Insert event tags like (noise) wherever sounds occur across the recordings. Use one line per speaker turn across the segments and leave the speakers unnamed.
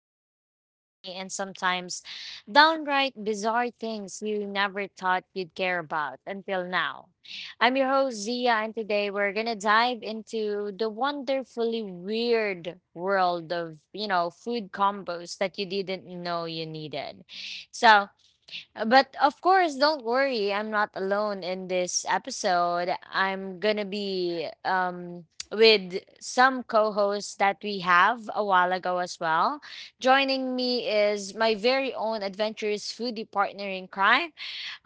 quirky, funny, and sometimes downright bizarre things you never thought you'd care about until now. I'm your host, Zia, and today we're going to dive into the wonderfully weird world of food combos that you didn't know you needed. So, but of course, don't worry. I'm not alone in this episode. I'm going to be with some co hosts that we have a while ago as well. Joining me is my very own adventurous foodie partner in crime,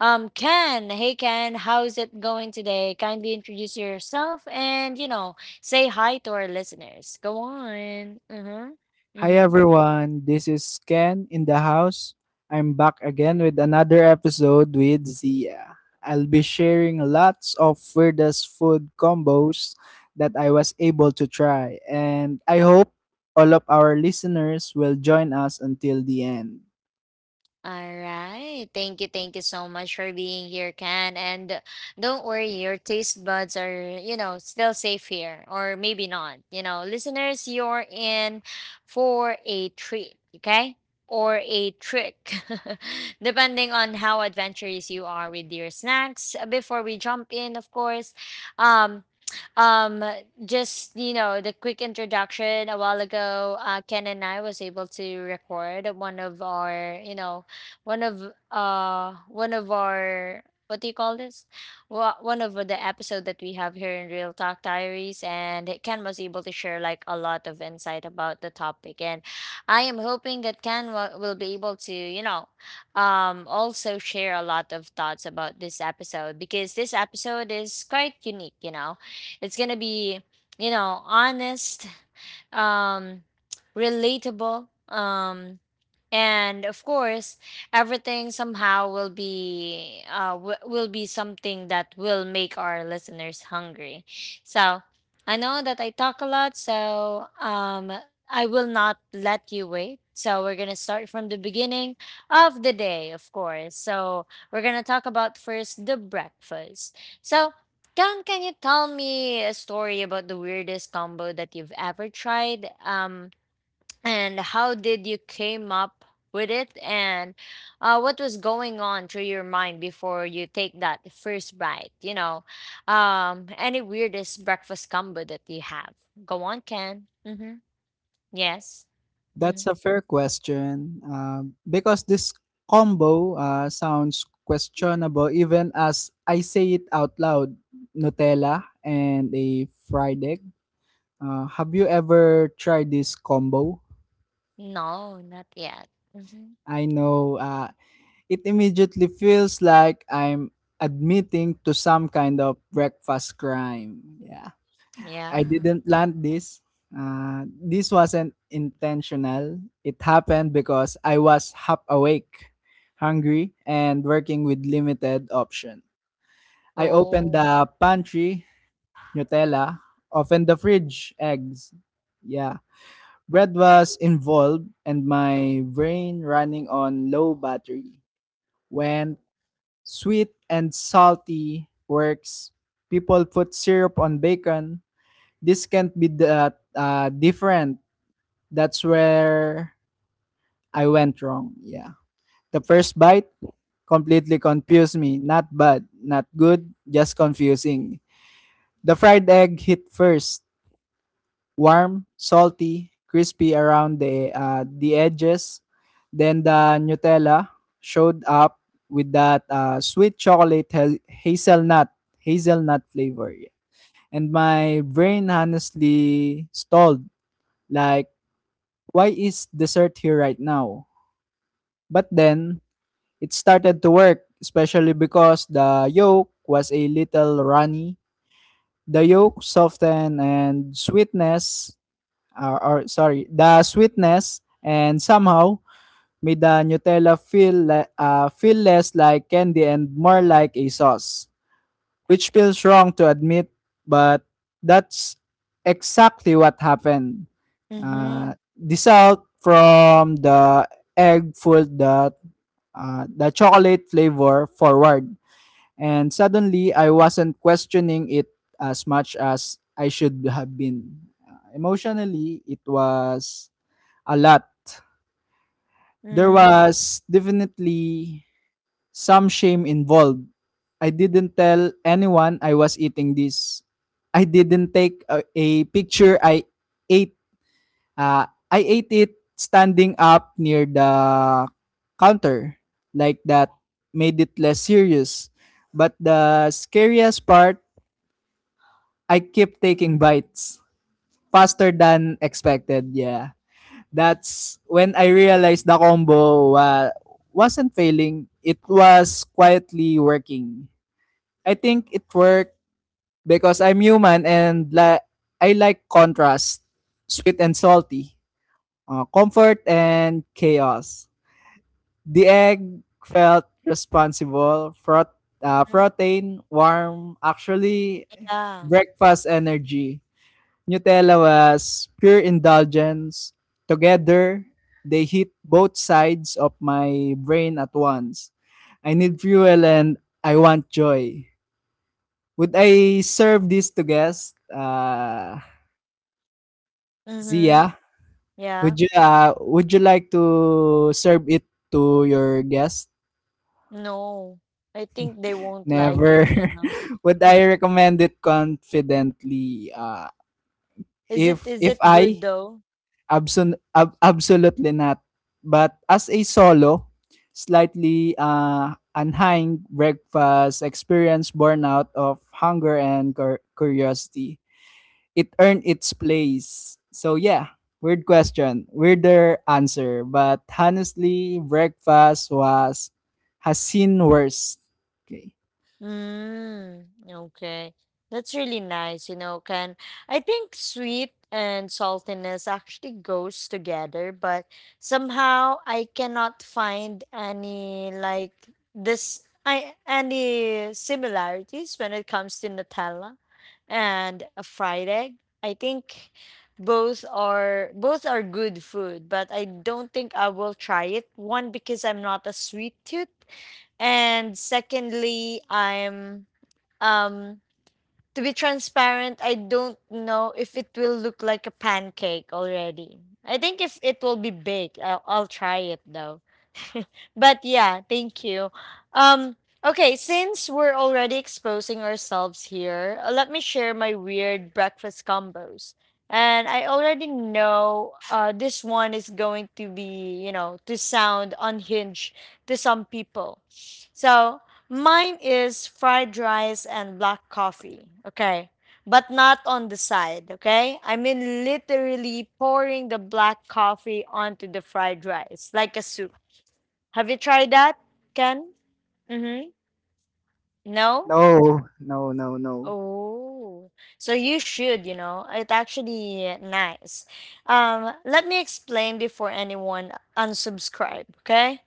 Ken. Hey, Ken, how's it going today? Kindly introduce yourself and say hi to our listeners. Go on. Mm hmm. Mm
Hi
hmm.
everyone, this is Ken in the house. I'm back again with another episode with Zia. I'll be sharing lots of weirdest food combos that I was able to try, and I hope all of our listeners will join us until the end.
All right. Thank you. Thank you so much for being here, Ken. And don't worry, your taste buds are still safe here, or maybe not. You know, listeners, you're in for a treat, okay? Or a trick, (laughs) depending on how adventurous you are with your snacks. Before we jump in, of course, um, um just the quick introduction. A while ago, Ken and I was able to record one of our what do you call this Wha- one of the episode that we have here in Real Talk Diaries, and Ken was able to share like a lot of insight about the topic. And I am hoping that Ken will be able to also share a lot of thoughts about this episode, because this episode is quite unique. It's gonna be honest, um relatable, and of course everything somehow will be something that will make our listeners hungry. So I know that I talk a lot, so I will not let you wait. So we're gonna start from the beginning of the day, of course. So we're gonna talk about first the breakfast. So can you tell me a story about the weirdest combo that you've ever tried, and how did you came up with it, and what was going on through your mind before you take that first bite. Any weirdest breakfast combo that you have? Go on, Ken. Mm-hmm. Yes. Mm-hmm.
That's a fair question because this combo sounds questionable even as I say it out loud. Nutella and a fried egg. Have you ever tried this combo?
No, not yet. Mm-hmm.
I know, it immediately feels like I'm admitting to some kind of breakfast crime. Yeah. I
Yeah.
didn't plan this. This wasn't intentional. It happened because I was half awake, hungry, and working with limited option. I opened
Oh.
the pantry, Nutella, opened the fridge, eggs. Yeah, bread was involved, and my brain running on low battery. When sweet and salty works, people put syrup on bacon. This can't be that different. That's where I went wrong. Yeah. The first bite completely confused me. Not bad, not good, just confusing. The fried egg hit first, warm, salty, crispy around the edges. Then the Nutella showed up with that sweet chocolate hazelnut hazelnut flavor. Yeah. And my brain honestly stalled, like, why is dessert here right now? But then it started to work, especially because the yolk was a little runny. The yolk softened and sweetness the sweetness and somehow made the Nutella feel feel less like candy and more like a sauce, which feels wrong to admit, but that's exactly what happened.
Mm-hmm.
Dissolved from the egg pulled the chocolate flavor forward, and suddenly I wasn't questioning it as much as I should have been. Emotionally, it was a lot. There
Mm.
was definitely some shame involved. I didn't tell anyone I was eating this. I didn't take a picture. I ate, uh, I ate it standing up near the counter, like that made it less serious. But the scariest part, I kept taking bites faster than expected. Yeah. That's when I realized the combo wasn't failing. It was quietly working. I think it worked because I'm human and I like contrast, sweet and salty, comfort and chaos. The egg felt responsible, protein, warm, actually
Yeah.
breakfast energy. Nutella was pure indulgence. Together, they hit both sides of my brain at once. I need fuel and I want joy. Would I serve this to guest,
Mm-hmm.
Zia?
Yeah.
Would you, would you like to serve it to your guest?
No, I think they won't like it
Never.
you know
(laughs) Would I recommend it confidently?
is it is
If
it
I
good though?
Absol ab Absolutely not. But as a solo, slightly unhinged breakfast experience born out of hunger and curiosity, it earned its place. So yeah, weird question, weirder answer. But honestly, breakfast was has seen worse. Okay.
Mm, okay. That's really nice, you know, can. I think sweet and saltiness actually goes together, but somehow I cannot find any like this I any similarities when it comes to Nutella and a fried egg. I think both are good food, but I don't think I will try it. One, because I'm not a sweet tooth, and secondly, I'm um to be transparent, I don't know if it will look like a pancake already. I think if it will be big, I'll try it though. But yeah, thank you. Um, okay, since we're already exposing ourselves here, let me share my weird breakfast combos. And I already know this one is going to be to sound unhinged to some people. So mine is fried rice and black coffee. Okay. But not on the side, okay? I mean, literally pouring the black coffee onto the fried rice like a soup. Have you tried that, Ken? Mm-hmm. No?
No, no, no, no.
Oh. So you should. It actually nice. Let me explain before anyone unsubscribe, okay?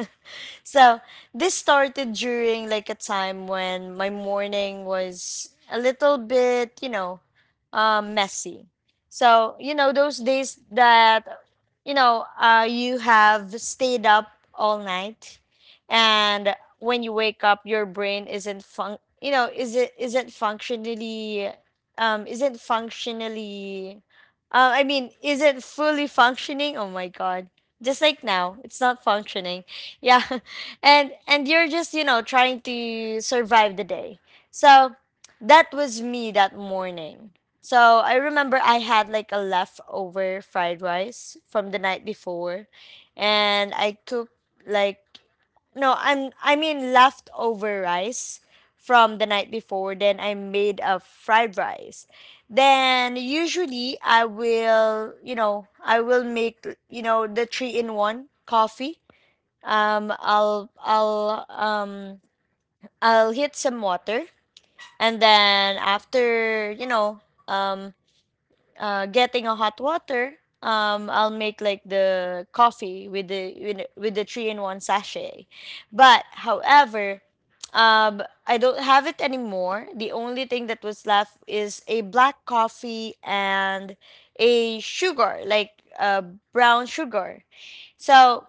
(laughs) So this started during like a time when my morning was a little bit messy. So, you know, those days that you have stayed up all night, and when you wake up your brain isn't fun you know is it isn't functionally I mean, isn't fully functioning. Oh my god, just like now it's not functioning. Yeah. (laughs) And you're just trying to survive the day. So that was me that morning. So I remember I had like a leftover fried rice from the night before, and I cooked like, no, I mean leftover rice from the night before. Then I made a fried rice. Then usually I will, you know, I will make, you know, the three in one coffee. Um, I'll I'll um I'll heat some water, and then after, you know, um uh, getting a hot water, I'll make like the coffee with the three in one sachet. But however, I don't have it anymore. The only thing that was left is a black coffee and a sugar, like, brown sugar. So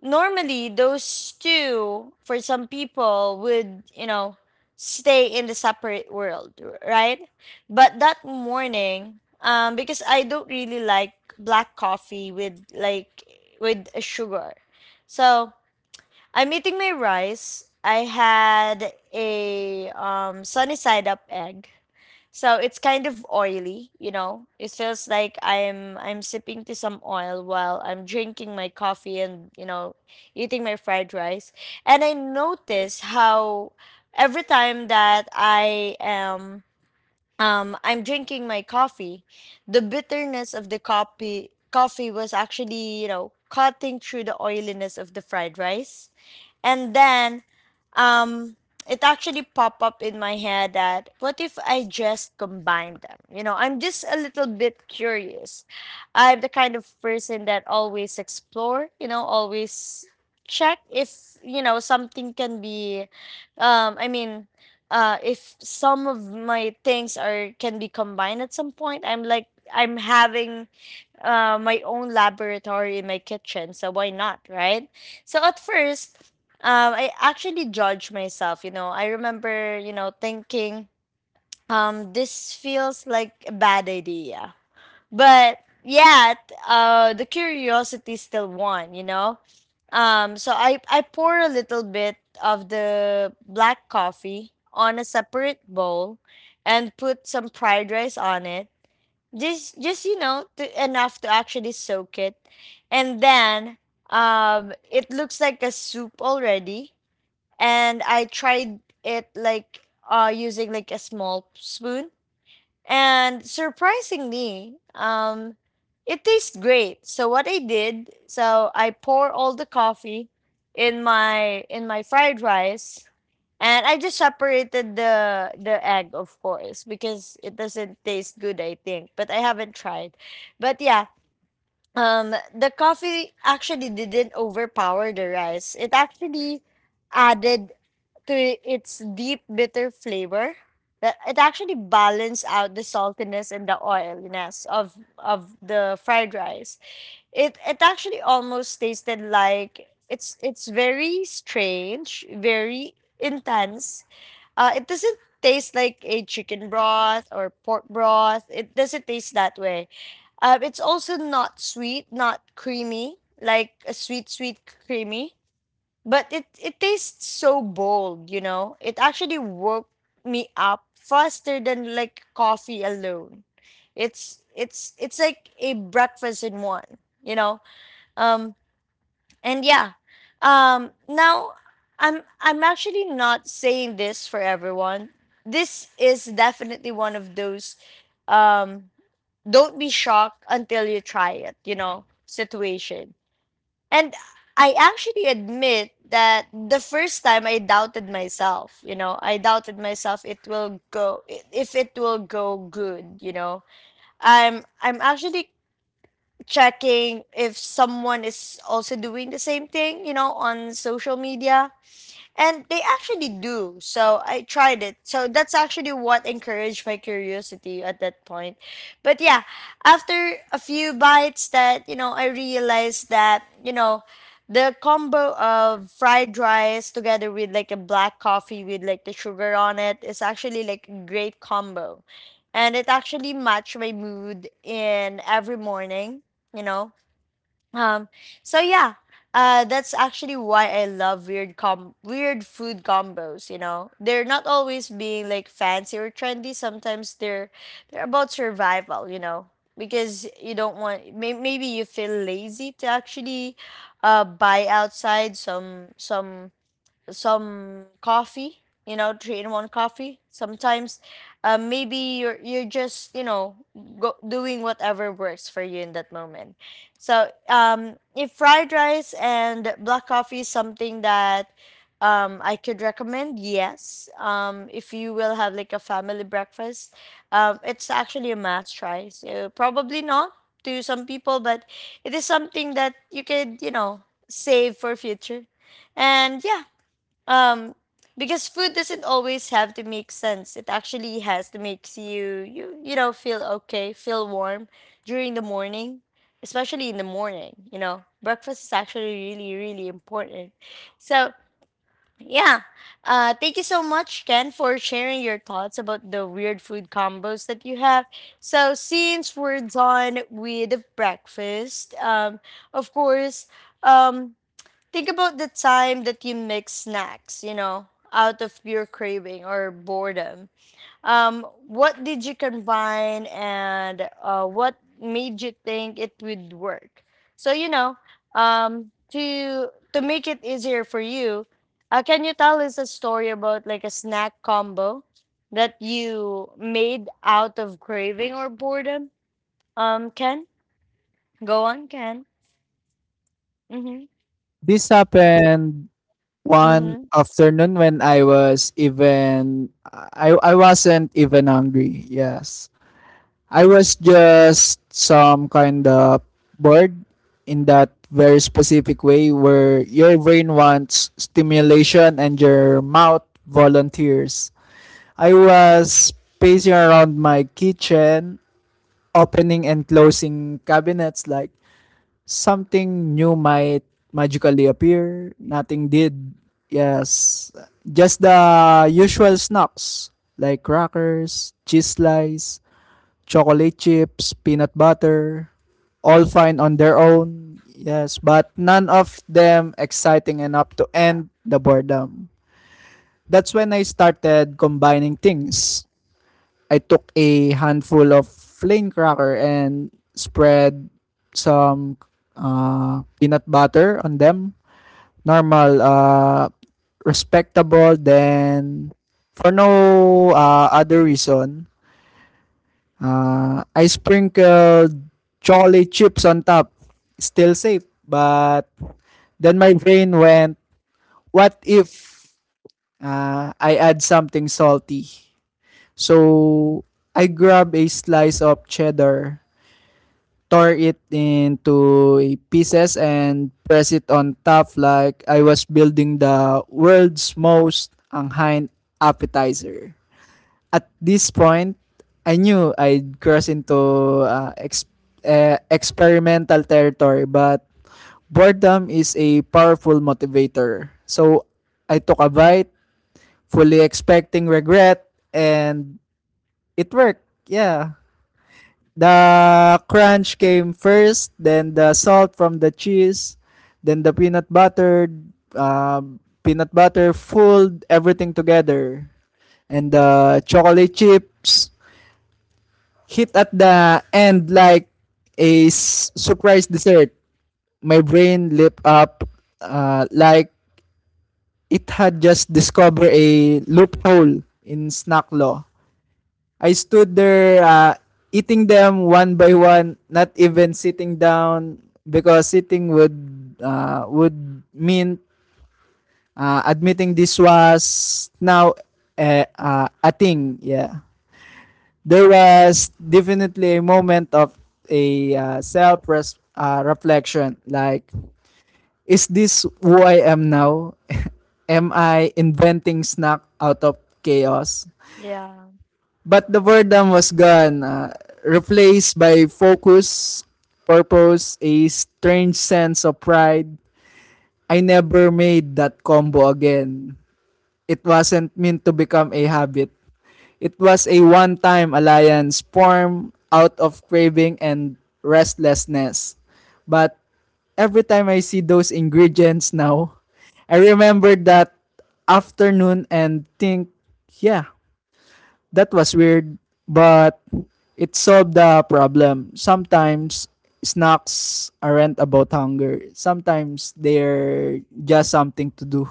normally those two for some people would stay in the separate world, right? But that morning, because I don't really like black coffee with sugar. So I'm eating my rice. I had a sunny side up egg. So it's kind of oily. It feels like I'm sipping to some oil while I'm drinking my coffee and eating my fried rice. And I notice how every time that I'm drinking my coffee, the bitterness of the coffee was actually cutting through the oiliness of the fried rice. And then um it actually popped up in my head that what if I just combine them? You know, I'm just a little bit curious. I'm the kind of person that always explore, always check if something can be, I mean, if some of my things are can be combined at some point. I'm like, I'm having my own laboratory in my kitchen, so why not, right? So at first, I actually judged myself. You know, I remember thinking, this feels like a bad idea, but yet, the curiosity still won. You know, so I pour a little bit of the black coffee on a separate bowl and put some fried rice on it, just enough to actually soak it. And then it looks like a soup already, and I tried it using like a small spoon. And surprisingly, it tastes great. So what I did, so I pour all the coffee in my fried rice, and I just separated the egg, of course, because it doesn't taste good, I think. But I haven't tried. But yeah, the coffee actually didn't overpower the rice. It actually added to its deep bitter flavor. That it actually balanced out the saltiness and the oiliness of the fried rice. It actually almost tasted like it's very strange, very intense. It doesn't taste like a chicken broth or pork broth. It doesn't taste that way. It's also not sweet, not creamy, like a sweet, sweet creamy. But it tastes so bold, you know? It actually woke me up faster than like coffee alone. It's like a breakfast in one, you know? Um, and yeah, now I'm actually not saying this for everyone. This is definitely one of those, um, don't be shocked until you try it, situation. And I actually admit that the first time I doubted myself it will go if it will go good. I'm actually checking if someone is also doing the same thing on social media. And they actually do. So I tried it. So that's actually what encouraged my curiosity at that point. But yeah, after a few bites that, you know, I realized that, you know, the combo of fried rice together with like a black coffee with like the sugar on it is actually like a great combo. And it actually matched my mood in every morning, you know um, so yeah, that's actually why I love weird food combos. They're not always being like fancy or trendy. Sometimes they're about survival. Because you don't want maybe you feel lazy to actually buy outside some coffee, three in one coffee. Sometimes, maybe you're just doing whatever works for you in that moment. So if fried rice and black coffee is something that, I could recommend, yes. If you will have like a family breakfast, it's actually a must try. So probably not to some people, but it is something that you could save for future. And yeah, um, because food doesn't always have to make sense. It actually has to make you you you know feel okay, feel warm during the morning, especially in the morning. You know, breakfast is actually really really important. So yeah, thank you so much, Ken, for sharing your thoughts about the weird food combos that you have. So since we're done with the breakfast, of course, um, think about the time that you mix snacks, you know, out of pure craving or boredom. What did you combine, and what made you think it would work? So, you know, to make it easier for you, can you tell us a story about like a snack combo that you made out of craving or boredom? Ken, go on, Ken. Mm-hmm.
This happened one
Mm-hmm.
afternoon when I wasn't even hungry. Yes. I was just some kind of bored, in that very specific way where your brain wants stimulation and your mouth volunteers. I was pacing around my kitchen, opening and closing cabinets like something new might magically appear. Nothing did. Yes. Just the usual snacks, like crackers, cheese slice, chocolate chips, peanut butter, all fine on their own. Yes, but none of them exciting enough to end the boredom. That's when I started combining things. I took a handful of plain cracker and spread some peanut butter on them. Normal, respectable. Then, for no other reason, I sprinkled chocolate chips on top. Still safe, but then my brain went, what if I add something salty? So I grabbed a slice of cheddar, tore it into pieces, and pressed it on top like I was building the world's most anghain appetizer. At this point, I knew I'd cross into experimental territory, but boredom is a powerful motivator. So I took a bite, fully expecting regret, and it worked. Yeah. The crunch came first, then the salt from the cheese, then the uh, peanut butter fooled everything together, and the chocolate chips hit at the end like a surprise dessert. My brain lit up, like it had just discovered a loophole in snack law. I stood there, eating them one by one, not even sitting down because sitting would, would mean admitting this was now a thing. Yeah, there was definitely a moment of a self reflection. Like, is this who I am now? (laughs) Am I inventing snack out of chaos?
Yeah.
But the boredom was gone, replaced by focus, purpose, a strange sense of pride. I never made that combo again. It wasn't meant to become a habit. It was a one time alliance formed out of craving and restlessness. But every time I see those ingredients now, I remember that afternoon and think, yeah, that was weird, but it solved the problem. Sometimes snacks aren't about hunger. Sometimes they're just something to do.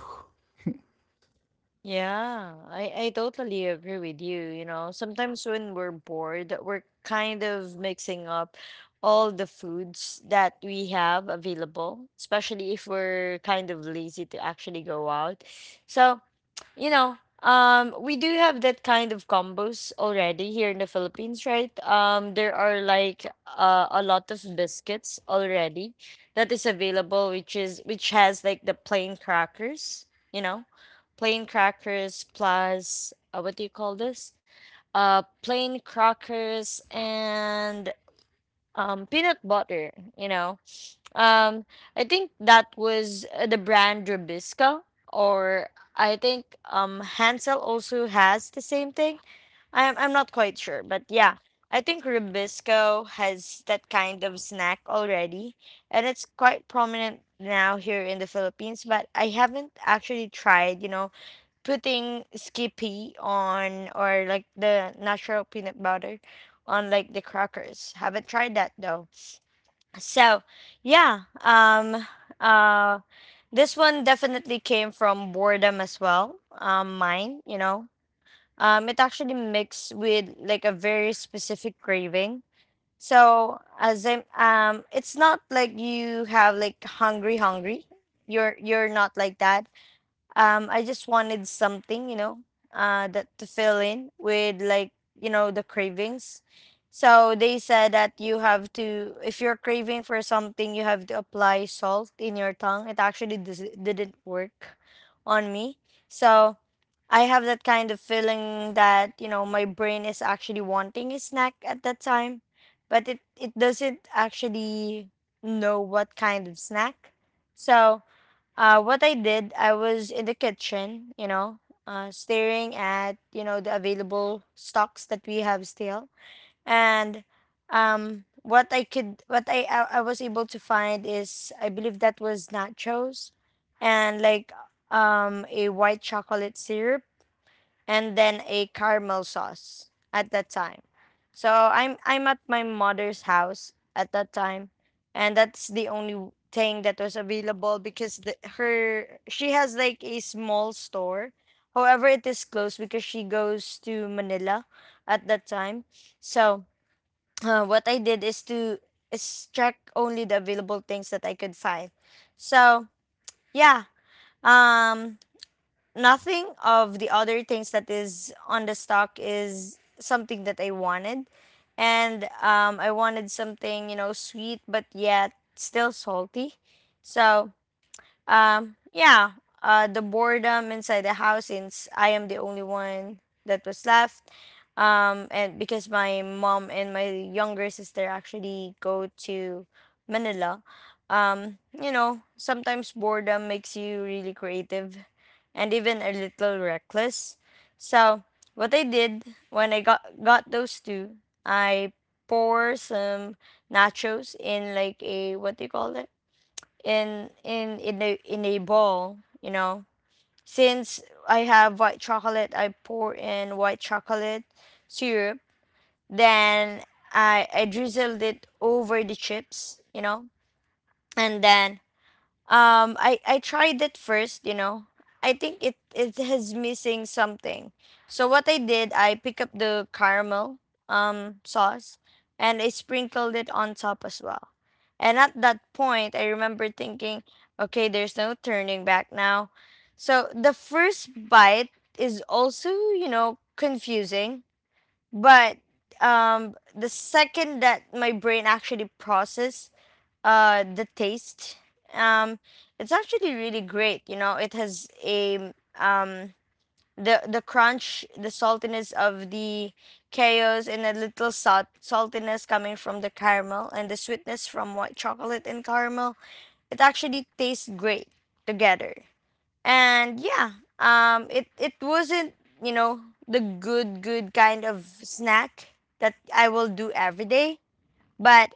Yeah, I totally agree with you. You know, sometimes when we're bored, we're kind of mixing up all the foods that we have available, especially if we're kind of lazy to actually go out. So, you know, we do have that kind of combos already here in the Philippines, right? There are like a lot of biscuits already that is available, which is which has like the plain crackers, you know, plain crackers plus what do you call this? Plain crackers and peanut butter, you know, um, I think that was the brand Rubisco, or I think Hansel also has the same thing. I'm not quite sure, but yeah, I think Rubisco has that kind of snack already, and it's quite prominent now here in the Philippines. But I haven't actually tried, you know, putting Skippy on, or like the natural peanut butter on like the crackers. Haven't tried that though. So, yeah, uh, this one definitely came from boredom as well. Mine, you know, it actually mixed with like a very specific craving. So, it's not like you have like hungry, hungry. You're not like that. I just wanted something, you know, that to fill in with like, you know, the cravings. So they said that you have to, if you're craving for something, you have to apply salt in your tongue. It actually didn't work on me. So I have that kind of feeling that, you know, my brain is actually wanting a snack at that time, but it doesn't actually know what kind of snack. So what I did, I was in the kitchen, you know, staring at, you know, the available stocks that we have still. And what I was able to find is, I believe that was nachos, and like a white chocolate syrup, and then a caramel sauce at that time. So I'm at my mother's house at that time, and that's the only thing that was available because her, she has like a small store. However, it is closed because she goes to Manila at that time. So what I did is to is check only the available things that I could find. So yeah, um, nothing of the other things that is on the stock is something that I wanted. And I wanted something, you know, sweet but yet still salty. So, yeah, the boredom inside the house, since I am the only one that was left, and because my mom and my younger sister actually go to Manila. You know, sometimes boredom makes you really creative and even a little reckless. So what I did when I got those two, I pour some nachos in like, a what do you call it, in a bowl, you know. Since I have white chocolate, I pour in white chocolate syrup. Then I drizzled it over the chips, you know, and then I tried it first, you know. I think it is missing something. So what I did, I pick up the caramel sauce, and I sprinkled it on top as well. And at that point, I remember thinking, okay, there's no turning back now. So the first bite is also, you know, confusing, but the second that my brain actually process the taste, um, it's actually really great. You know, it has a the crunch, the saltiness of the chaos, and a little saltiness coming from the caramel, and the sweetness from white chocolate and caramel. It actually tastes great together. And yeah, it it wasn't, you know, the good kind of snack that I will do every day. But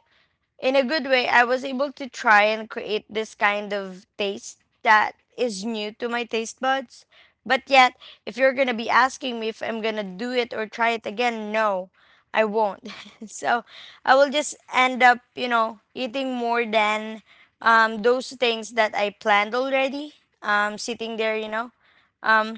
in a good way, I was able to try and create this kind of taste that is new to my taste buds. But yet, if you're gonna be asking me if I'm gonna do it or try it again, no, I won't. (laughs) So I will just end up, you know, eating more than those things that I planned already. Sitting there, you know. Um,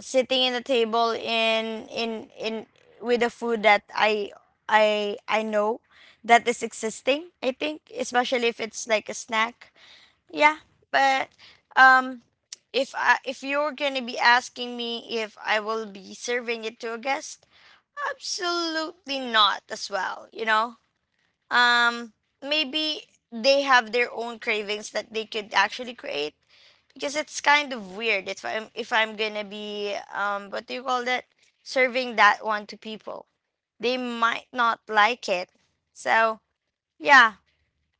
sitting in the table in with the food that I know that is existing. I think especially if it's like a snack. Yeah, but um if I, if you're going to be asking me if I will be serving it to a guest, absolutely not as well, you know? Um, maybe they have their own cravings that they could actually create, because it's kind of weird if I'm gonna be, um, what do you call that, serving that one to people. They might not like it. So yeah.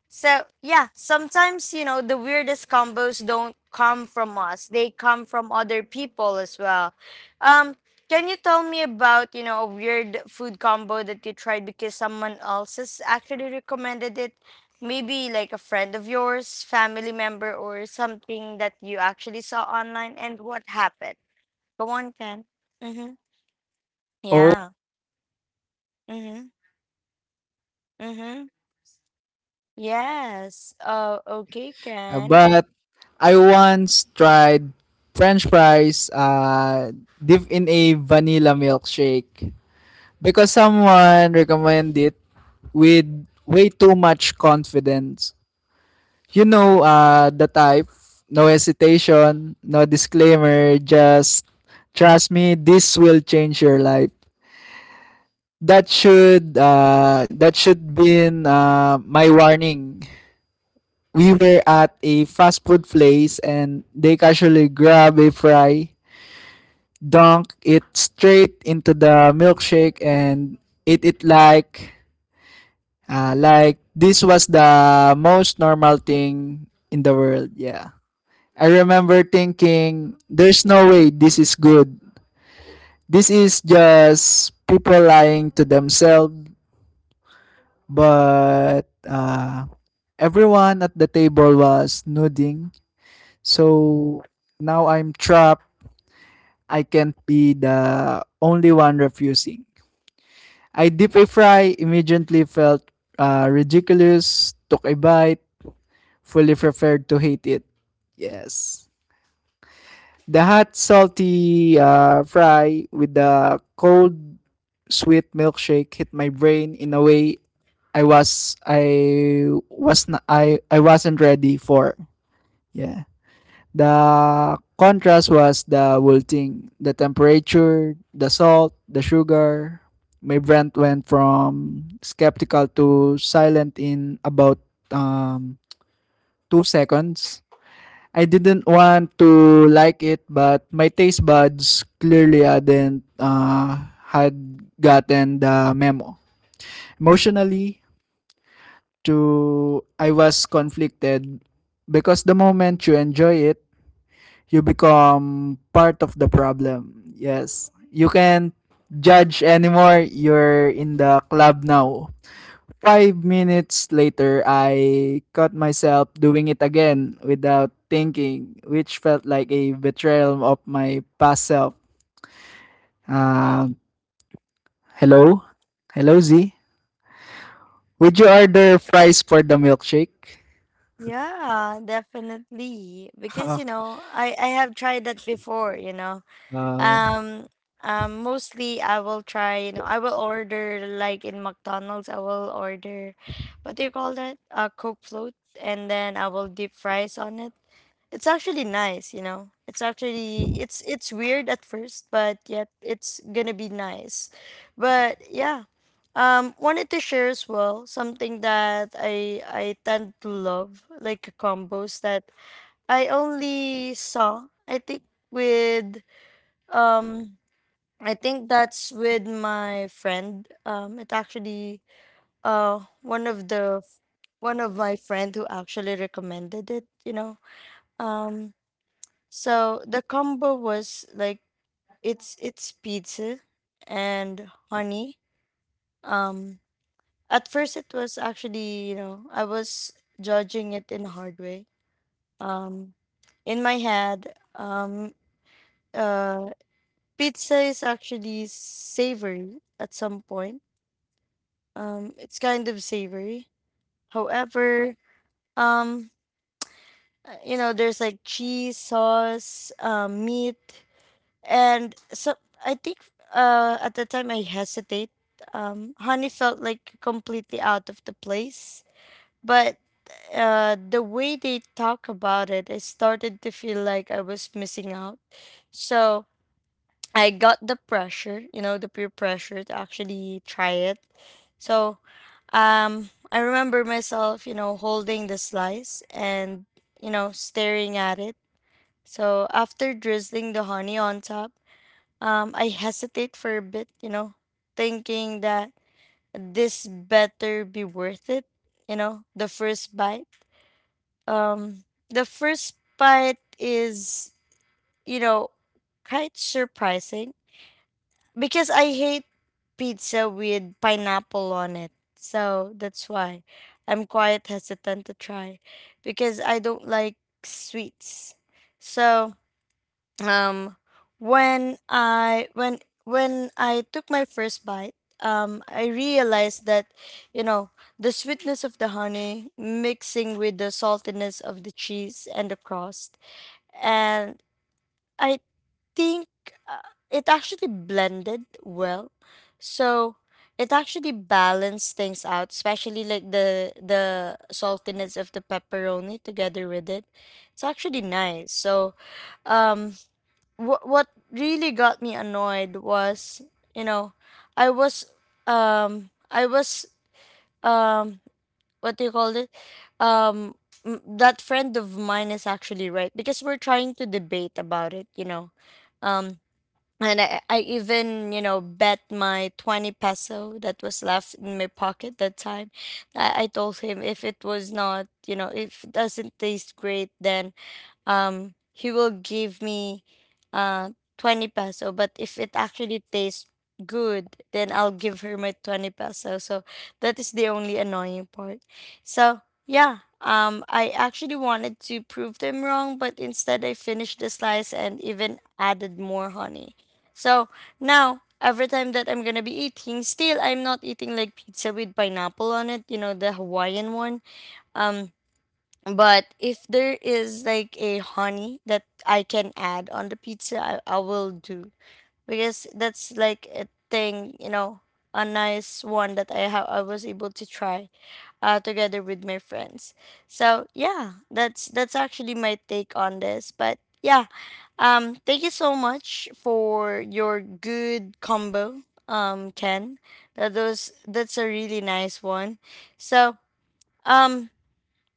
So, yeah, sometimes, you know, the weirdest combos don't come from us. They come from other people as well. Um, can you tell me about, you know, a weird food combo that you tried because someone else has actually recommended it? Maybe like a friend of yours, family member, or something that you actually saw online, and what happened? Go on, Ken. Mm-hmm.
Oh,
Yeah. Mm-hmm. Mm-hmm. Yes. Oh, okay, Ken.
but I once tried French fries dipped in a vanilla milkshake because someone recommended it with way too much confidence. You know, the type, no hesitation, no disclaimer, just trust me, this will change your life. That should, that should been my warning. We were at a fast food place and they casually grab a fry, dunk it straight into the milkshake and eat it like, like this was the most normal thing in the world. Yeah. I remember thinking, there's no way this is good. This is just people lying to themselves. But everyone at the table was nodding. So now I'm trapped. I can't be the only one refusing. I dip a fry, immediately felt ridiculous, took a bite, fully prepared to hate it. Yes. The hot salty fry with the cold sweet milkshake hit my brain in a way I wasn't ready for. Yeah. The contrast was the whole thing. The temperature, the salt, the sugar. My brain went from skeptical to silent in about, um, 2 seconds. I didn't want to like it, but my taste buds clearly hadn't had gotten the memo. Emotionally, to I was conflicted because the moment you enjoy it, you become part of the problem. Yes, you can't judge anymore. You're in the club now. 5 minutes later, I caught myself doing it again without thinking, which felt like a betrayal of my past self. Um, hello? Hello, Z? Would you order fries for the milkshake?
Yeah, definitely. Because, you
(laughs)
know, I have tried that before, you know.
um,
Um mostly I will try, you know, I will order like in McDonald's, I will order, what do you call that, a Coke float, and then I will deep fries on it. It's actually nice, you know. It's actually, it's weird at first, but yet it's gonna be nice. But yeah, wanted to share as well something that I tend to love, like combos that I only saw. I think with um, I think that's with my friend. It actually uh one of the one of my friend who actually recommended it. You know, um so the combo was like it's pizza and honey. Um, at first it was actually, you know, I was judging it in a hard way. Um, in my head, uh pizza is actually savory at some point. Um, it's kind of savory. However, um you know, there's like cheese, sauce, meat. And so I think at the time I hesitate. Honey felt like completely out of the place, but the way they talk about it, I started to feel like I was missing out. So I got the pressure, you know, the peer pressure to actually try it. So I remember myself, you know, holding the slice and, you know, staring at it. So after drizzling the honey on top, I hesitate for a bit, you know, thinking that this better be worth it, you know, the first bite. Um, the first bite is, you know, quite surprising because I hate pizza with pineapple on it. So that's why I'm quite hesitant to try because I don't like sweets. So um when i when when I took my first bite, I realized that, you know, the sweetness of the honey mixing with the saltiness of the cheese and the crust, and I think it actually blended well. So it actually balanced things out, especially like the saltiness of the pepperoni together with it. It's actually nice. So um what really got me annoyed was, you know, I was I was um what do you call it? um that friend of mine is actually right because we're trying to debate about it, you know. um and I even, you know, bet my 20 peso that was left in my pocket that time. I told him if it was not, you know, if it doesn't taste great, then he will give me uh 20 peso, but if it actually tastes good, then I'll give her my 20 peso. So that is the only annoying part. So yeah, I actually wanted to prove them wrong, but instead I finished the slice and even added more honey. So now every time that I'm gonna be eating, still I'm not eating like pizza with pineapple on it, you know, the Hawaiian one. um but if there is like a honey that I can add on the pizza, I will do, because that's like a thing, you know, a nice one that I was able to try together with my friends. So yeah, that's actually my take on this. But yeah, thank you so much for your good combo, Ken. That's a really nice one. So um,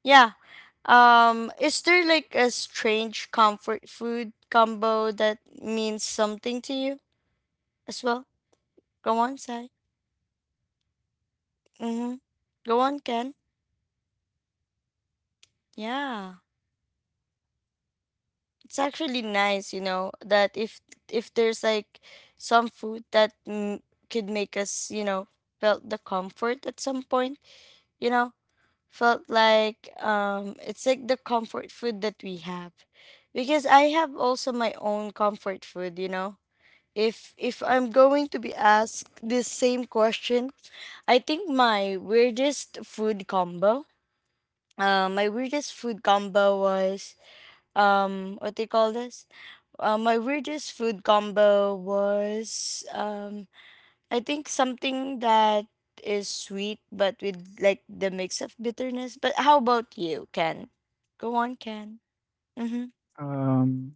yeah. Is there like a strange comfort food combo that means something to you as well? Go on, Sai. Mm-hmm. Go on, Ken. Yeah. It's actually nice, you know, that if there's like some food that could make us, you know, felt the comfort at some point, you know, felt like it's like the comfort food that we have. Because I have also my own comfort food, you know. If I'm going to be asked this same question, I think my weirdest food combo. My weirdest food combo was what they call this. My weirdest food combo was I think something that is sweet but with like the mix of bitterness. But how about you, Ken? Go on, Ken. Mhm.
um,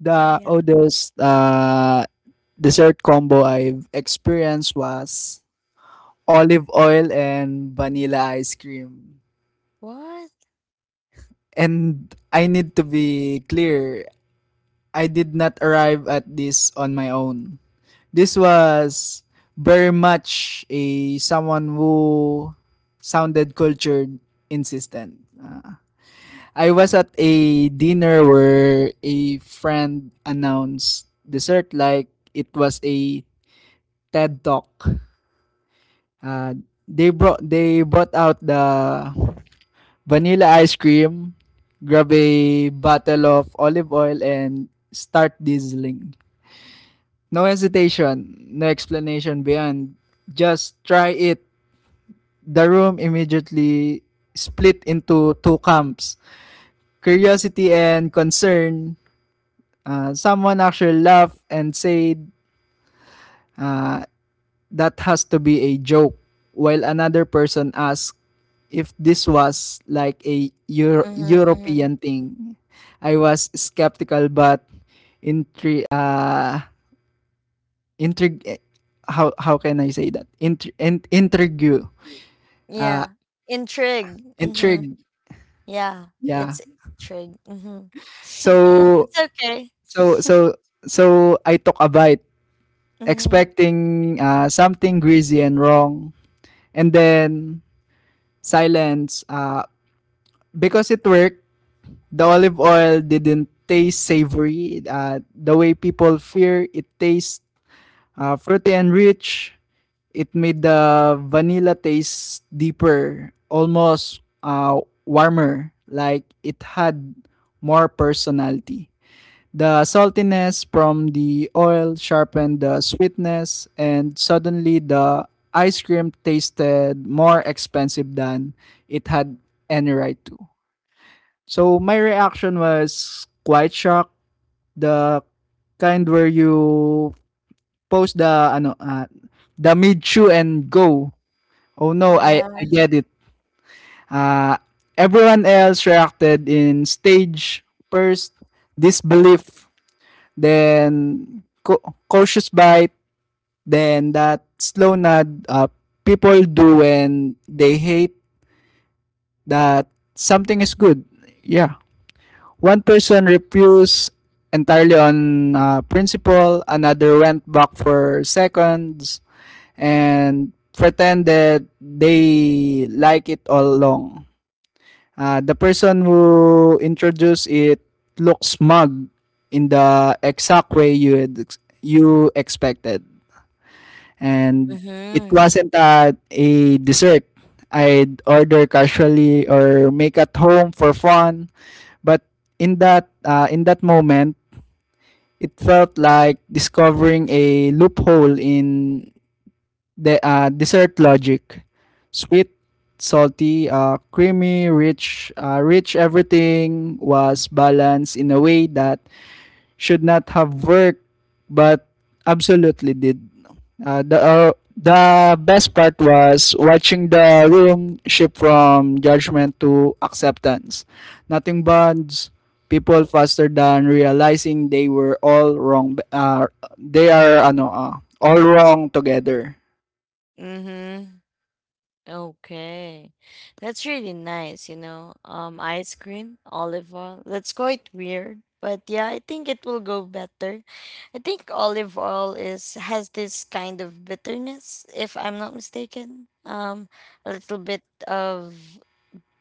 the
Yeah.
oldest dessert combo I've experienced was olive oil and vanilla ice cream.
What?
And I need to be clear, I did not arrive at this on my own. This was very much a someone who sounded cultured, insistent. I was at a dinner where a friend announced dessert like it was a TED Talk. Uh, they brought out the vanilla ice cream, grab a bottle of olive oil and start dizzling. No hesitation, no explanation beyond. Just try it. The room immediately split into two camps, curiosity and concern. Someone actually laughed and said, uh, that has to be a joke, while another person asked if this was like a
Mhm. Mhm.
European thing. I was skeptical but intri- uh, intrigue, how can I say that? Intrigue you. Uh
Yeah. Intrigue. Mm-hmm.
intrigue.
Yeah,
Yeah.
it's intrigue. Mhm. (laughs)
So
It's okay.
so so
(laughs)
so I took a bite
Mhm.
expecting something greasy and wrong, and then silence, because it worked. The olive oil didn't taste savory the way people fear it tastes, fruity and rich. It made the vanilla taste deeper, almost warmer, like it had more personality. The saltiness from the oil sharpened the sweetness, and suddenly the ice cream tasted more expensive than it had any right to. So my reaction was quite shocked. The kind where you post the ano the mid chew and go, oh no, I
Yeah.
I get it. Uh, Everyone else reacted in stage, first disbelief, then cautious bite, then that slow nod people do when they hate that something is good. Yeah. One person refused entirely on principle, another went back for seconds and pretended they like it all along. The person who introduced it looks smug in the exact way you expected, and it
Mhm.
wasn't at a dessert I'd order casually or make at home for fun. But in that moment, it felt like discovering a loophole in dessert logic. Sweet, salty, creamy, rich. Everything was balanced in a way that should not have worked, but absolutely did. The best part was watching the room shift from judgment to acceptance. Nothing bonds people faster than realizing they were all wrong, they are ano ah, all wrong together.
Mhm. Okay. That's really nice, you know. Ice cream, olive oil. That's quite weird, but yeah, I think it will go better. I think olive oil is has this kind of bitterness, if I'm not mistaken. A little bit of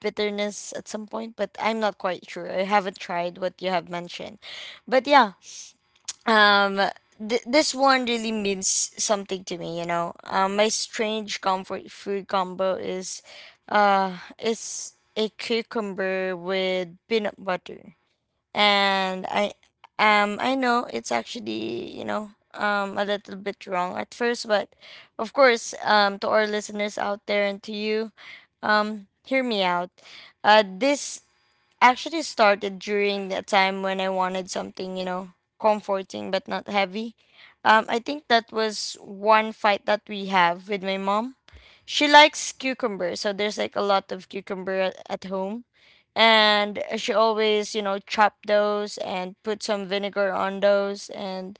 bitterness at some point, but I'm not quite sure. I haven't tried what you have mentioned. But yeah, um, this one really means something to me, you know. My strange comfort food combo is a cucumber with peanut butter, and I know it's actually, you know, a little bit wrong at first, but of course, to our listeners out there and to you, hear me out. This actually started during the time when I wanted something, you know, comforting but not heavy. I think that was one fight that we have with my mom. She likes cucumber, so there's like a lot of cucumber at home. And she always, you know, chop those and put some vinegar on those. And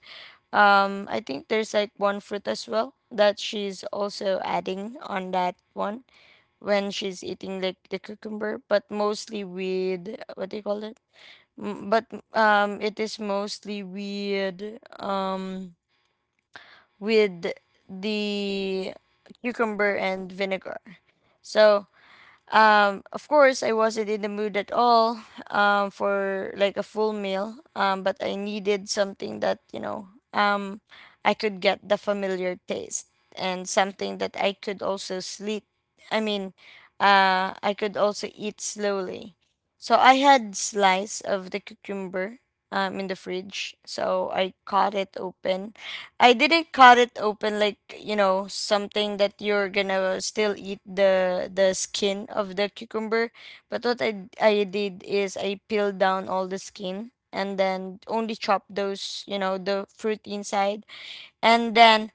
I think there's like one fruit as well that she's also adding on that one when she's eating like the cucumber, but mostly with what do you call it? But it is mostly with the cucumber and vinegar. So of course, I wasn't in the mood at all, for like a full meal, but I needed something that, you know, um, I could get the familiar taste and something that I could also sleep. I mean, I could also eat slowly. So I had slice of the cucumber in the fridge, so I cut it open. I didn't cut it open like, you know, something that you're gonna still eat the skin of the cucumber. But what I did is I peeled down all the skin and then only chop those, you know, the fruit inside. And then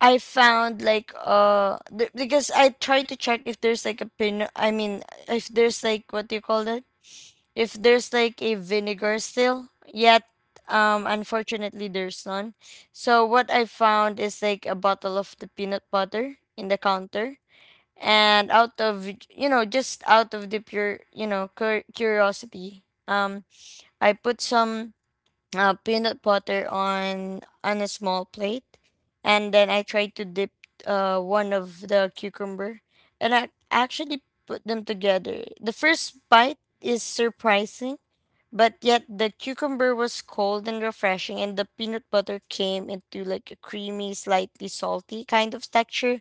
I found like because I tried to check if there's like a pin. I mean, if there's like, what do you call that, if there's like a vinegar still yet. Unfortunately there's none. So what I found is like a bottle of the peanut butter in the counter. And out of, you know, just out of the pure, you know, curiosity, I put some peanut butter on a small plate, and then I tried to dip one of the cucumber, and I actually put them together. The first bite is surprising, but yet the cucumber was cold and refreshing, and the peanut butter came into like a creamy, slightly salty kind of texture.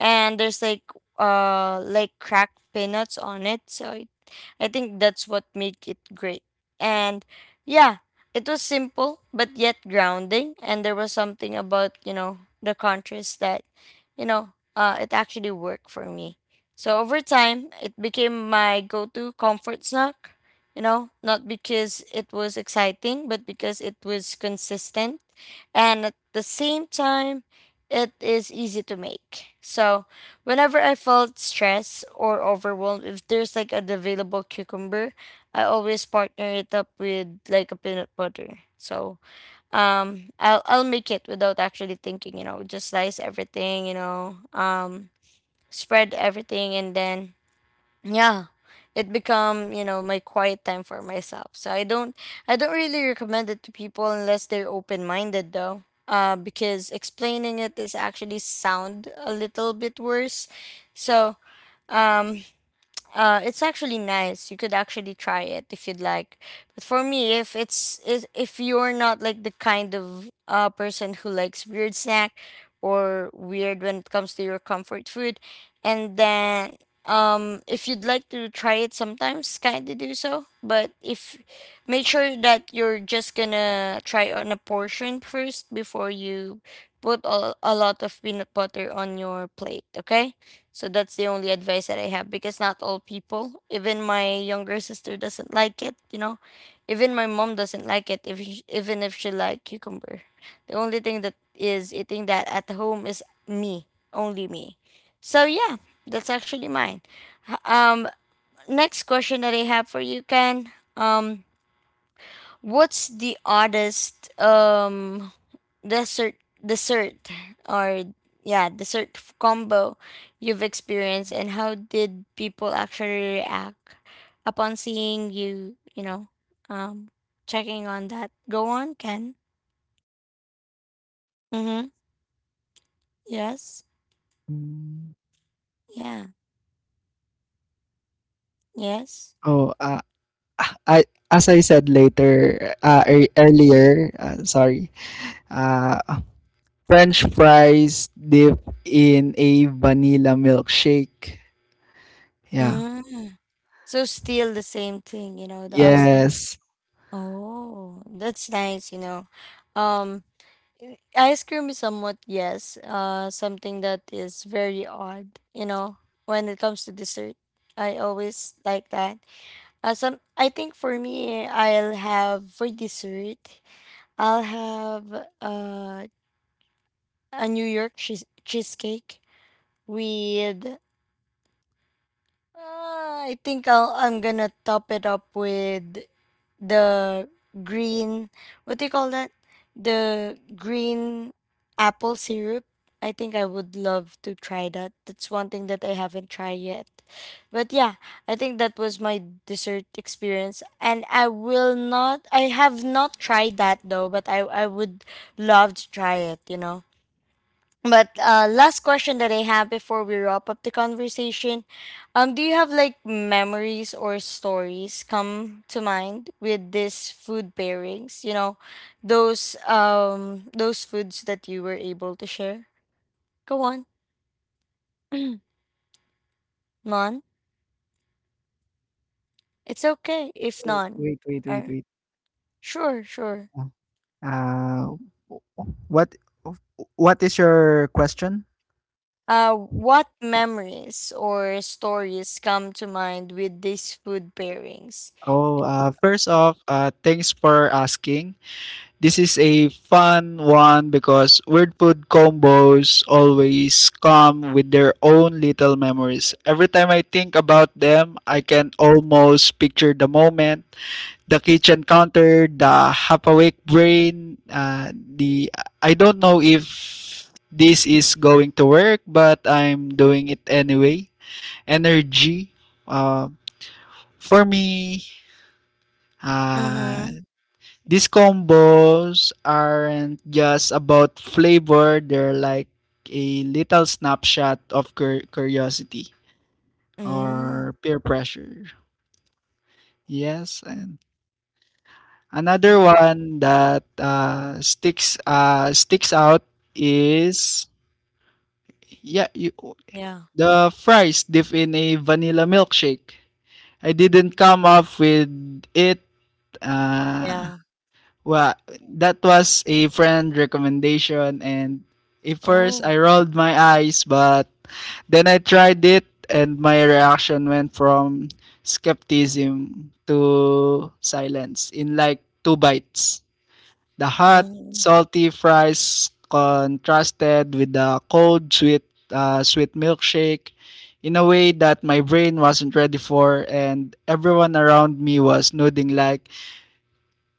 And there's like cracked peanuts on it, so I think that's what made it great. And yeah, it was simple but yet grounding, and there was something about, you know, the contrast that, you know, it actually worked for me. So over time it became my go-to comfort snack, you know, not because it was exciting but because it was consistent. And at the same time, it is easy to make. So whenever I felt stressed or overwhelmed, if there's like an available cucumber, I always partner it up with like a peanut butter. So, I'll make it without actually thinking. You know, just slice everything. You know, spread everything, and then yeah, it become, you know, my quiet time for myself. So I don't really recommend it to people unless they're open-minded though, because explaining it is actually sound a little bit worse. So um it's actually nice. You could actually try it if you'd like. But for me, if it's is if you're not like the kind of person who likes weird snack or weird when it comes to your comfort food, and then if you'd like to try it sometimes, kind of do so. But if, make sure that you're just gonna try on a portion first before you put a lot of peanut butter on your plate. Okay. So that's the only advice that I have, because not all people, even my younger sister doesn't like it, you know. Even my mom doesn't like it if sh even if she like cucumber. The only thing that is eating that at home is me, only me. So yeah, that's actually mine. H- Um Next question that I have for you, Ken. Um What's the oddest dessert dessert or yeah, combo you've experienced, and how did people actually react upon seeing you, you know, um checking on that? Go on, Ken. Mm-hmm. Yes.
Mm.
Yeah. Yes.
oh I as I said later earlier, sorry uh, French fries dipped in a vanilla milkshake. Yeah.
Mm. So still the same thing, you know, the oddest.
Yes.
Oh, that's nice, you know. um Ice cream is somewhat, yes, something that is very odd, you know, when it comes to dessert. I always like that. I think for me, I'll have for dessert, I'll have a New York cheesecake with, I think I'm gonna top it up with the green, what do you call that, the green apple syrup. I think I would love to try that. That's one thing that I haven't tried yet. But yeah, I think that was my dessert experience, and I have not tried that though, but I would love to try it, you know. But last question that I have before we wrap up the conversation, do you have like memories or stories come to mind with this food pairings? You know, those foods that you were able to share. Go on, (clears throat) none. It's okay if none.
Wait, wait, wait,
Uh,
wait.
sure, sure.
Uh, uh, w- w- what what is your question?
What memories or stories come to mind with these food pairings?
Oh, First off, thanks for asking. This is a fun one because weird food combos always come with their own little memories. Every time I think about them, I can almost picture the moment, the kitchen counter, the half awake brain, the I don't know if this is going to work, but I'm doing it anyway energy, uh, for me, uh,
Mm-hmm.
these combos aren't just about flavor; they're like a little snapshot of curiosity
Mm.
or peer pressure. Yes. And another
Yeah,
one that sticks out is yeah you,
yeah,
the fries dipped in a vanilla milkshake. I didn't come up with it. Uh,
yeah.
well, that was a friend recommendation, and at first
Oh.
I rolled my eyes, but then I tried it, and my reaction went from skepticism to silence in like two bites. The hot,
Mm-hmm.
salty fries contrasted with the cold, sweet milkshake in a way that my brain wasn't ready for, and everyone around me was nodding like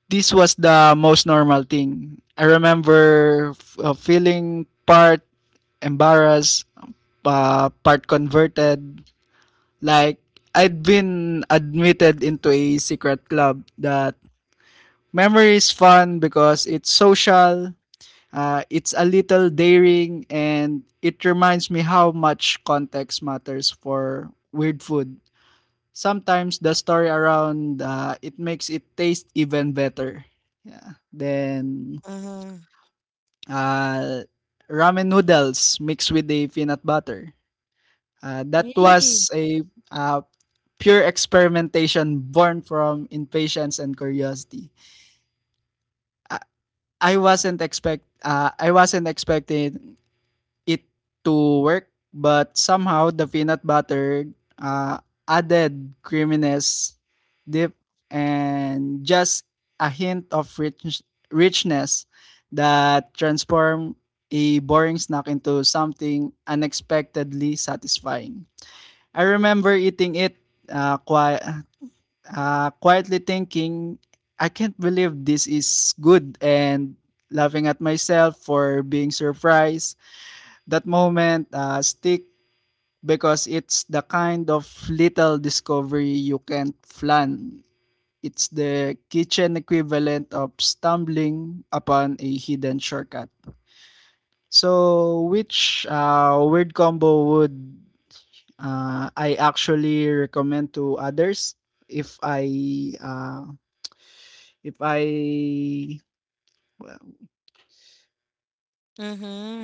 this was the most normal thing. I remember feeling part embarrassed, part converted, like I'd been admitted into a secret club. That memory is fun because it's social. It's a little daring and it reminds me how much context matters for weird food. Sometimes the story around it makes it taste even better. Yeah. Then
Mm-hmm.
uh, ramen noodles mixed with the peanut butter. That
Yeah.
was a uh, pure experimentation born from impatience and curiosity. I, I wasn't expecting it to work, but somehow the peanut butter uh, added creaminess, dip, and just a hint of richness that transformed a boring snack into something unexpectedly satisfying. I remember eating it uh, qui- quietly thinking, I can't believe this is good, and laughing at myself for being surprised. That moment stick because it's the kind of little discovery you can't plan. It's the kitchen equivalent of stumbling upon a hidden shortcut. So, which weird combo would I actually recommend to others? If I uh, if I well,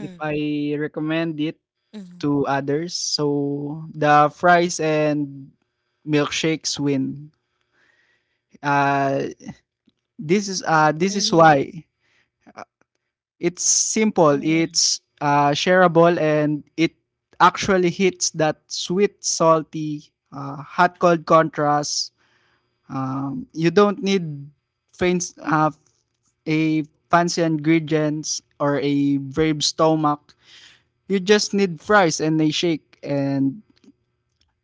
if I recommend it
Mm-hmm.
to others. So the fries and milkshakes win. Uh, this is why. Uh, it's simple.
Mm-hmm.
It's shareable and it actually hits that sweet, salty, hot cold contrast. You don't need fancy, uh, a fancy ingredients or a brave stomach. You just need fries and a shake, and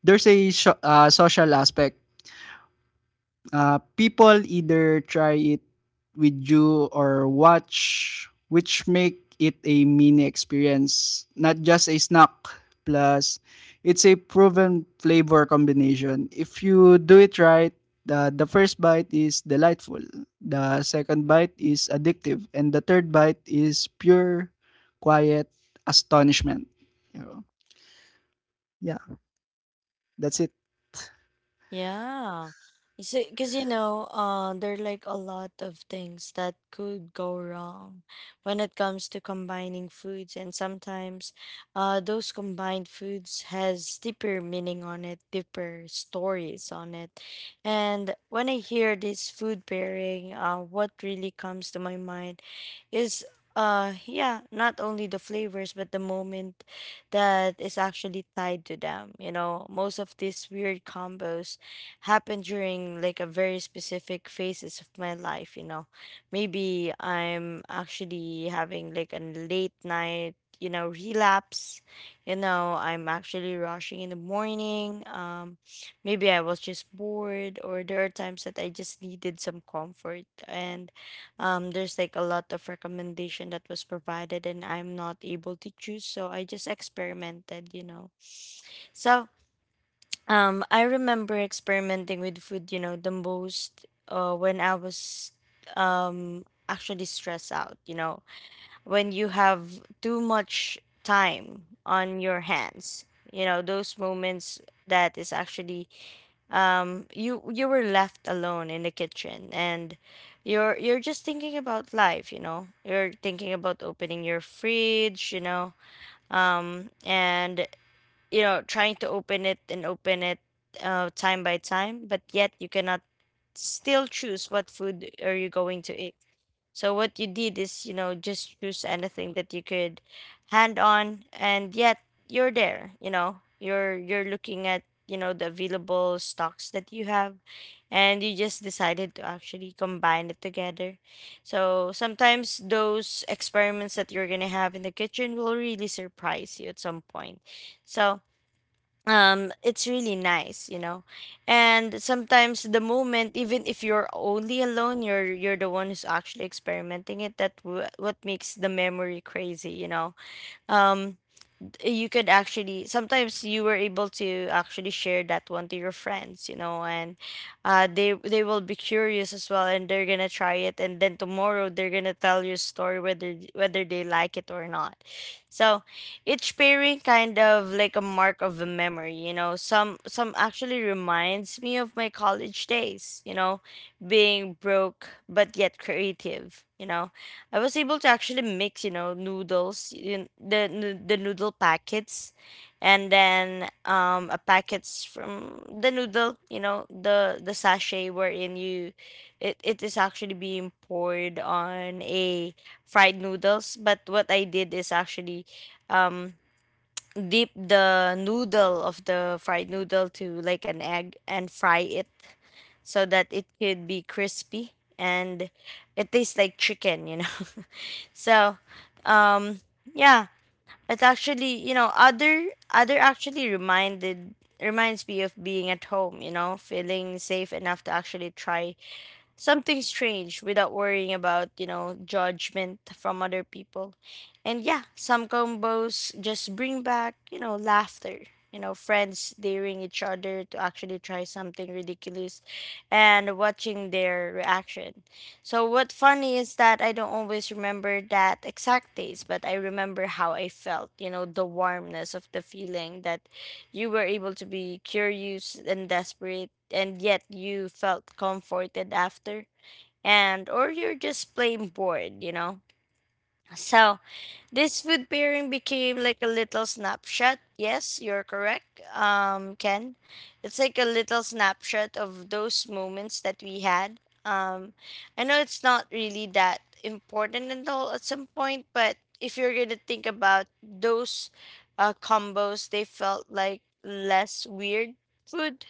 there's a social aspect. People either try it with you or watch, which make it a mini experience, not just a snack. Plus, it's a proven flavor combination. If you do it right, the first bite is delightful, the second bite is addictive, and the third bite is pure, quiet astonishment. You know? Yeah, that's it.
Yeah. So, because you know, there are like a lot of things that could go wrong when it comes to combining foods, and sometimes, those combined foods has deeper meaning on it, deeper stories on it. And when I hear this food pairing, what really comes to my mind is, yeah, not only the flavors but the moment that is actually tied to them. You know, most of these weird combos happened during like a very specific phases of my life, you know. Maybe I'm actually having like a late night, you know, relapse, you know. I'm actually rushing in the morning. Maybe I was just bored, or there are times that I just needed some comfort. And there's like a lot of recommendation that was provided and I'm not able to choose, so I just experimented, you know. So I remember experimenting with food, you know, the most when I was actually stressed out, you know, when you have too much time on your hands, you know, those moments that is actually, you were left alone in the kitchen and you're just thinking about life, you know, you're thinking about opening your fridge, you know, and you know, trying to open it and open it time by time, but yet you cannot still choose what food are you going to eat. So what you did is, you know, just choose anything that you could hand on, and yet you're there. You know, you're looking at, you know, the available stocks that you have, and you just decided to actually combine it together. So sometimes those experiments that you're gonna have in the kitchen will really surprise you at some point. So it's really nice, you know. And sometimes, the moment even if you're only alone, you're the one who's actually experimenting it, that what makes the memory crazy, you know. um you could actually sometimes, you were able to actually share that one to your friends, you know. And they will be curious as well, and they're gonna try it, and then tomorrow they're gonna tell your story, whether they like it or not. So each pairing, kind of like a mark of a memory, you know. Some actually reminds me of my college days, you know, being broke but yet creative, you know. I was able to actually mix, you know, noodles, in the the noodle packets, and then a packets from the noodle, you know, the sachet wherein you, it is actually being poured on a fried noodles. But what I did is actually, um, dip the noodle of the fried noodle to like an egg and fry it so that it could be crispy, and it tastes like chicken, you know. (laughs) So, um, yeah, it's actually, you know, other actually reminded reminds me of being at home. You know, feeling safe enough to actually try something strange without worrying about, you know, judgment from other people. And yeah, some combos just bring back, you know, laughter, you know, friends daring each other to actually try something ridiculous and watching their reaction. So what funny is that I don't always remember that exact taste, but I remember how I felt, you know, the warmness of the feeling that you were able to be curious and desperate, and yet you felt comforted after. And or you're just plain bored. So this food pairing became like a little snapshot. Yes, you're correct, Ken. It's like a little snapshot of those moments that we had. Um, I know it's not really that important at all at some point, but if you're gonna think about those combos, they felt like less weird food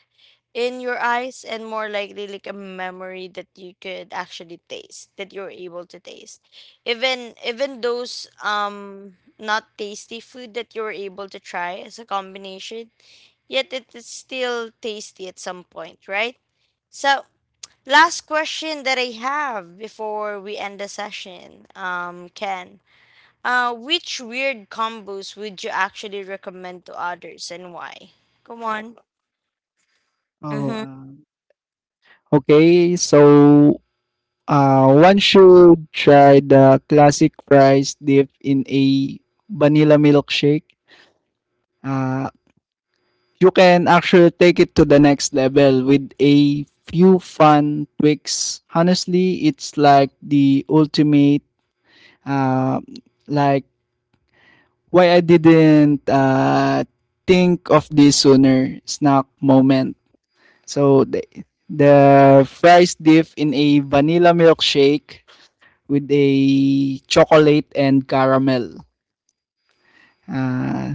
in your eyes and more likely like a memory that you could actually taste, that you're able to taste, even those not tasty food that you're able to try as a combination, yet it is still tasty at some point, right? So last question that I have before we end the session, Ken, which weird combos would you actually recommend to others, and why? Come on.
Oh,
Mm-hmm.
uh, Okay, so one should try the classic fries dipped in a vanilla milkshake. Uh, you can actually take it to the next level with a few fun tweaks. Honestly, it's like the ultimate. Uh, like why I didn't think of this sooner snack moment. So the fries dip in a vanilla milkshake with a chocolate and caramel. Uh,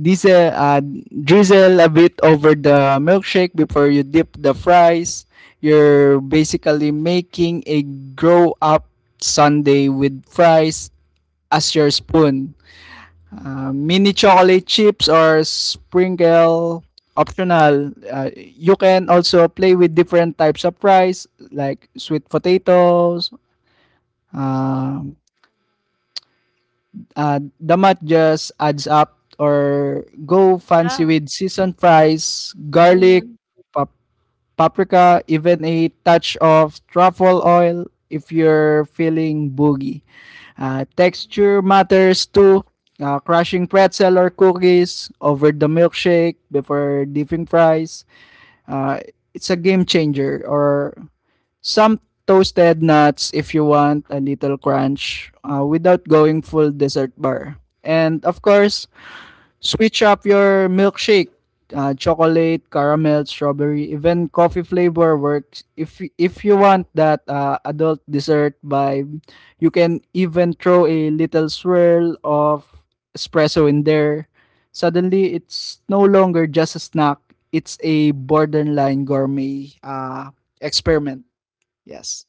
Diesel, drizzle a bit over the milkshake before you dip the fries. You're basically making a grow up sundae with fries as your spoon. Mini chocolate chips or sprinkle optional. You can also play with different types of fries like sweet potatoes, uh, the math just adds up, or go fancy
Yeah.
with seasoned fries, garlic,
Mm-hmm.
pap- paprika, even a touch of truffle oil if you're feeling boogie. Texture matters too. Crushing pretzel or cookies over the milkshake before dipping fries. Uh, it's a game changer, or some toasted nuts if you want a little crunch without going full dessert bar. And of course, switch up your milkshake. Chocolate, caramel, strawberry, even coffee flavor works. If you want that adult dessert vibe, you can even throw a little swirl of espresso in there. Suddenly, it's no longer just a snack. It's a borderline gourmet experiment. Yes.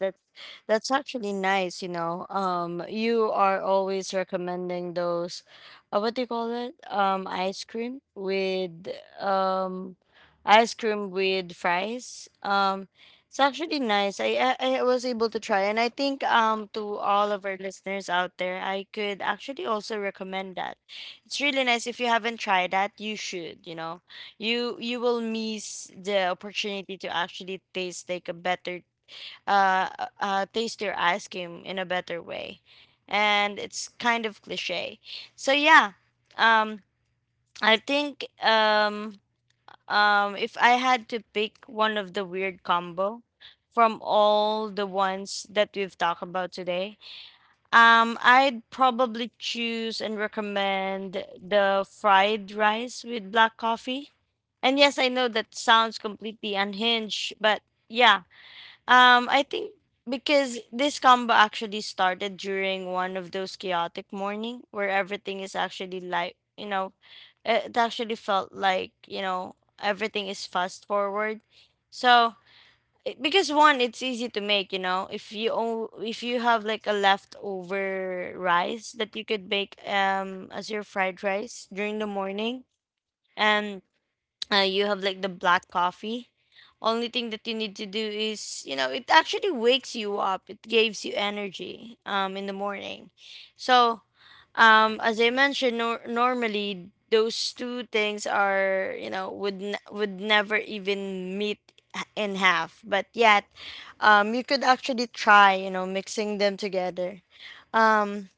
That's that's actually nice, you know. You are always recommending those, what do you call it? Um, ice cream with fries. It's actually nice. I was able to try, and I think to all of our listeners out there, I could actually also recommend that. It's really nice. If you haven't tried that, you should. You know, you will miss the opportunity to actually taste like a better taste your ice cream in a better way. And it's kind of cliche. So yeah, um, I think if I had to pick one of the weird combo from all the ones that we've talked about today, I'd probably choose and recommend the fried rice with black coffee. And yes, I know that sounds completely unhinged, but yeah, I think, because this combo actually started during one of those chaotic morning where everything is actually like, you know, it actually felt like, you know, everything is fast forward. So, because one, it's easy to make, you know, if you if you have like a leftover rice that you could make as your fried rice during the morning, and you have like the black coffee. Only thing that you need to do is, you know, it actually wakes you up, it gives you energy in the morning. So as I mentioned, normally those two things are, you know, would would never even meet in half, but yet you could actually try, you know, mixing them together. um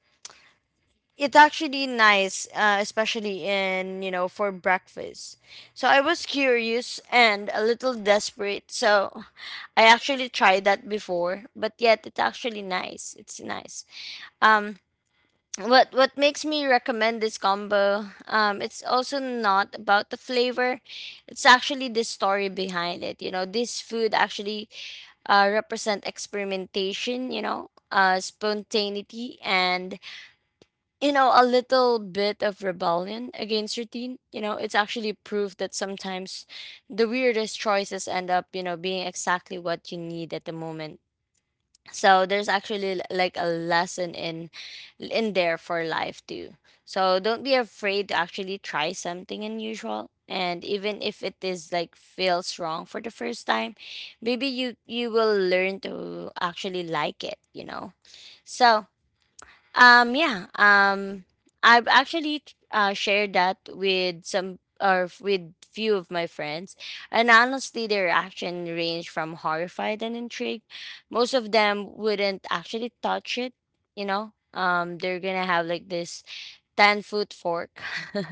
it's actually nice, especially in, you know, for breakfast. So I was curious and a little desperate. So (laughs) I actually tried that before, but yet it's actually nice. It's nice. Um, what makes me recommend this combo? It's also not about the flavor. It's actually the story behind it. You know, this food actually represent experimentation. You know, spontaneity and, you know, a little bit of rebellion against routine. You know, it's actually proof that sometimes the weirdest choices end up, you know, being exactly what you need at the moment. So there's actually like a lesson in there for life too. So don't be afraid to actually try something unusual, and even if it is like feels wrong for the first time, maybe you will learn to actually like it, you know. So um, yeah. Um, I've actually shared that with some or with few of my friends, and honestly, their reaction ranged from horrified and intrigued. Most of them wouldn't actually touch it. You know, they're gonna have like this 10-foot fork,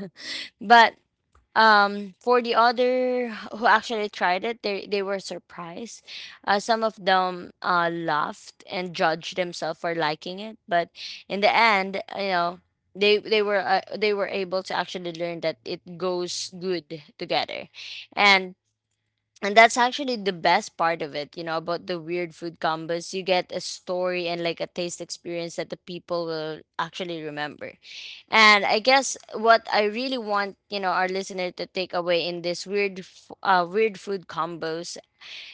(laughs) but for the other who actually tried it, they were surprised. Some of them laughed and judged themselves for liking it, but in the end, you know, they were they were able to actually learn that it goes good together, and and that's actually the best part of it, you know, about the weird food combos. You get a story and like a taste experience that the people will actually remember. And I guess what I really want, you know, our listener to take away in this weird, weird food combos,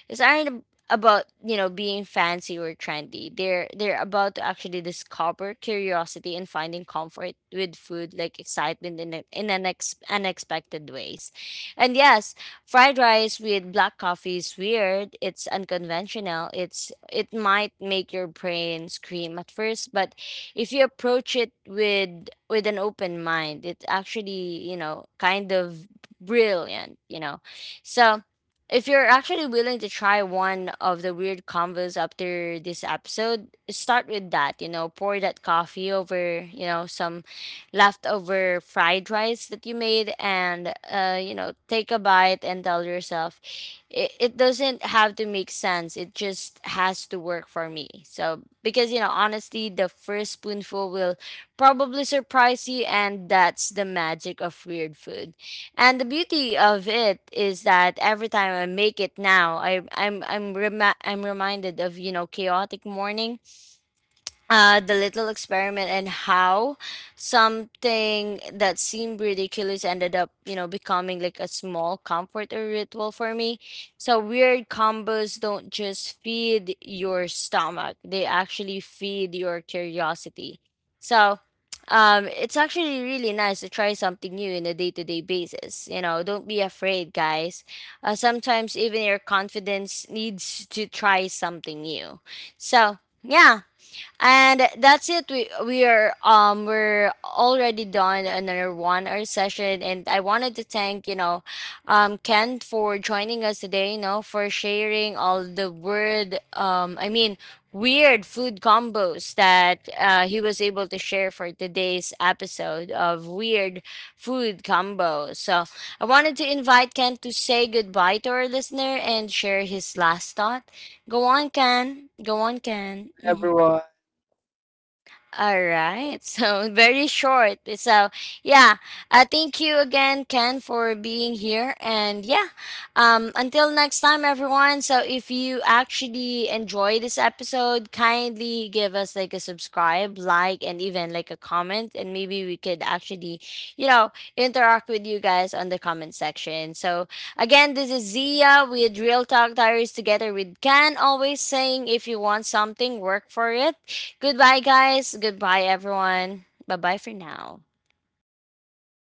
these aren't about, you know, being fancy or trendy. They're about to actually discover curiosity and finding comfort with food, like excitement in unexpected ways. And yes, fried rice with black coffee is weird. It's unconventional. It might make your brain scream at first, but if you approach it with an open mind, it's actually, you know, kind of brilliant. You know, so. If you're actually willing to try one of the weird combos after this episode, start with that. You know, pour that coffee over, you know, some leftover fried rice that you made, and, you know, take a bite and tell yourself, it doesn't have to make sense. It just has to work for me. So, because, you know, honestly, the first spoonful will probably surprise you, and that's the magic of weird food. And the beauty of it is that every time I make it now, I I'm rema I'm reminded of, you know, chaotic morning, the little experiment, and how something that seemed ridiculous ended up, you know, becoming like a small comfort or ritual for me. So weird combos don't just feed your stomach; they actually feed your curiosity. So. It's actually really nice to try something new in a day-to-day basis. You know, don't be afraid, guys. Sometimes even your confidence needs to try something new. So, yeah, and that's it. We are we're already done another 1-hour session, and I wanted to thank, you know, Ken for joining us today, you know, for sharing all the word I mean weird food combos that he was able to share for today's episode of weird food combos. So I wanted to invite Ken to say goodbye to our listener and share his last thought. Go on, Ken. Go on, Ken. Mhm.
Everyone.
All right. So (laughs) very short. So yeah, thank you again, Ken, for being here. And yeah, until next time, everyone. So if you actually enjoy this episode, kindly give us like a subscribe, like, and even like a comment, and maybe we could actually, you know, interact with you guys on the comment section. So again, this is Zia with Real Talk Diaries together with Ken. Always saying, if you want something, work for it. Goodbye, guys. Goodbye, everyone. Bye bye for now.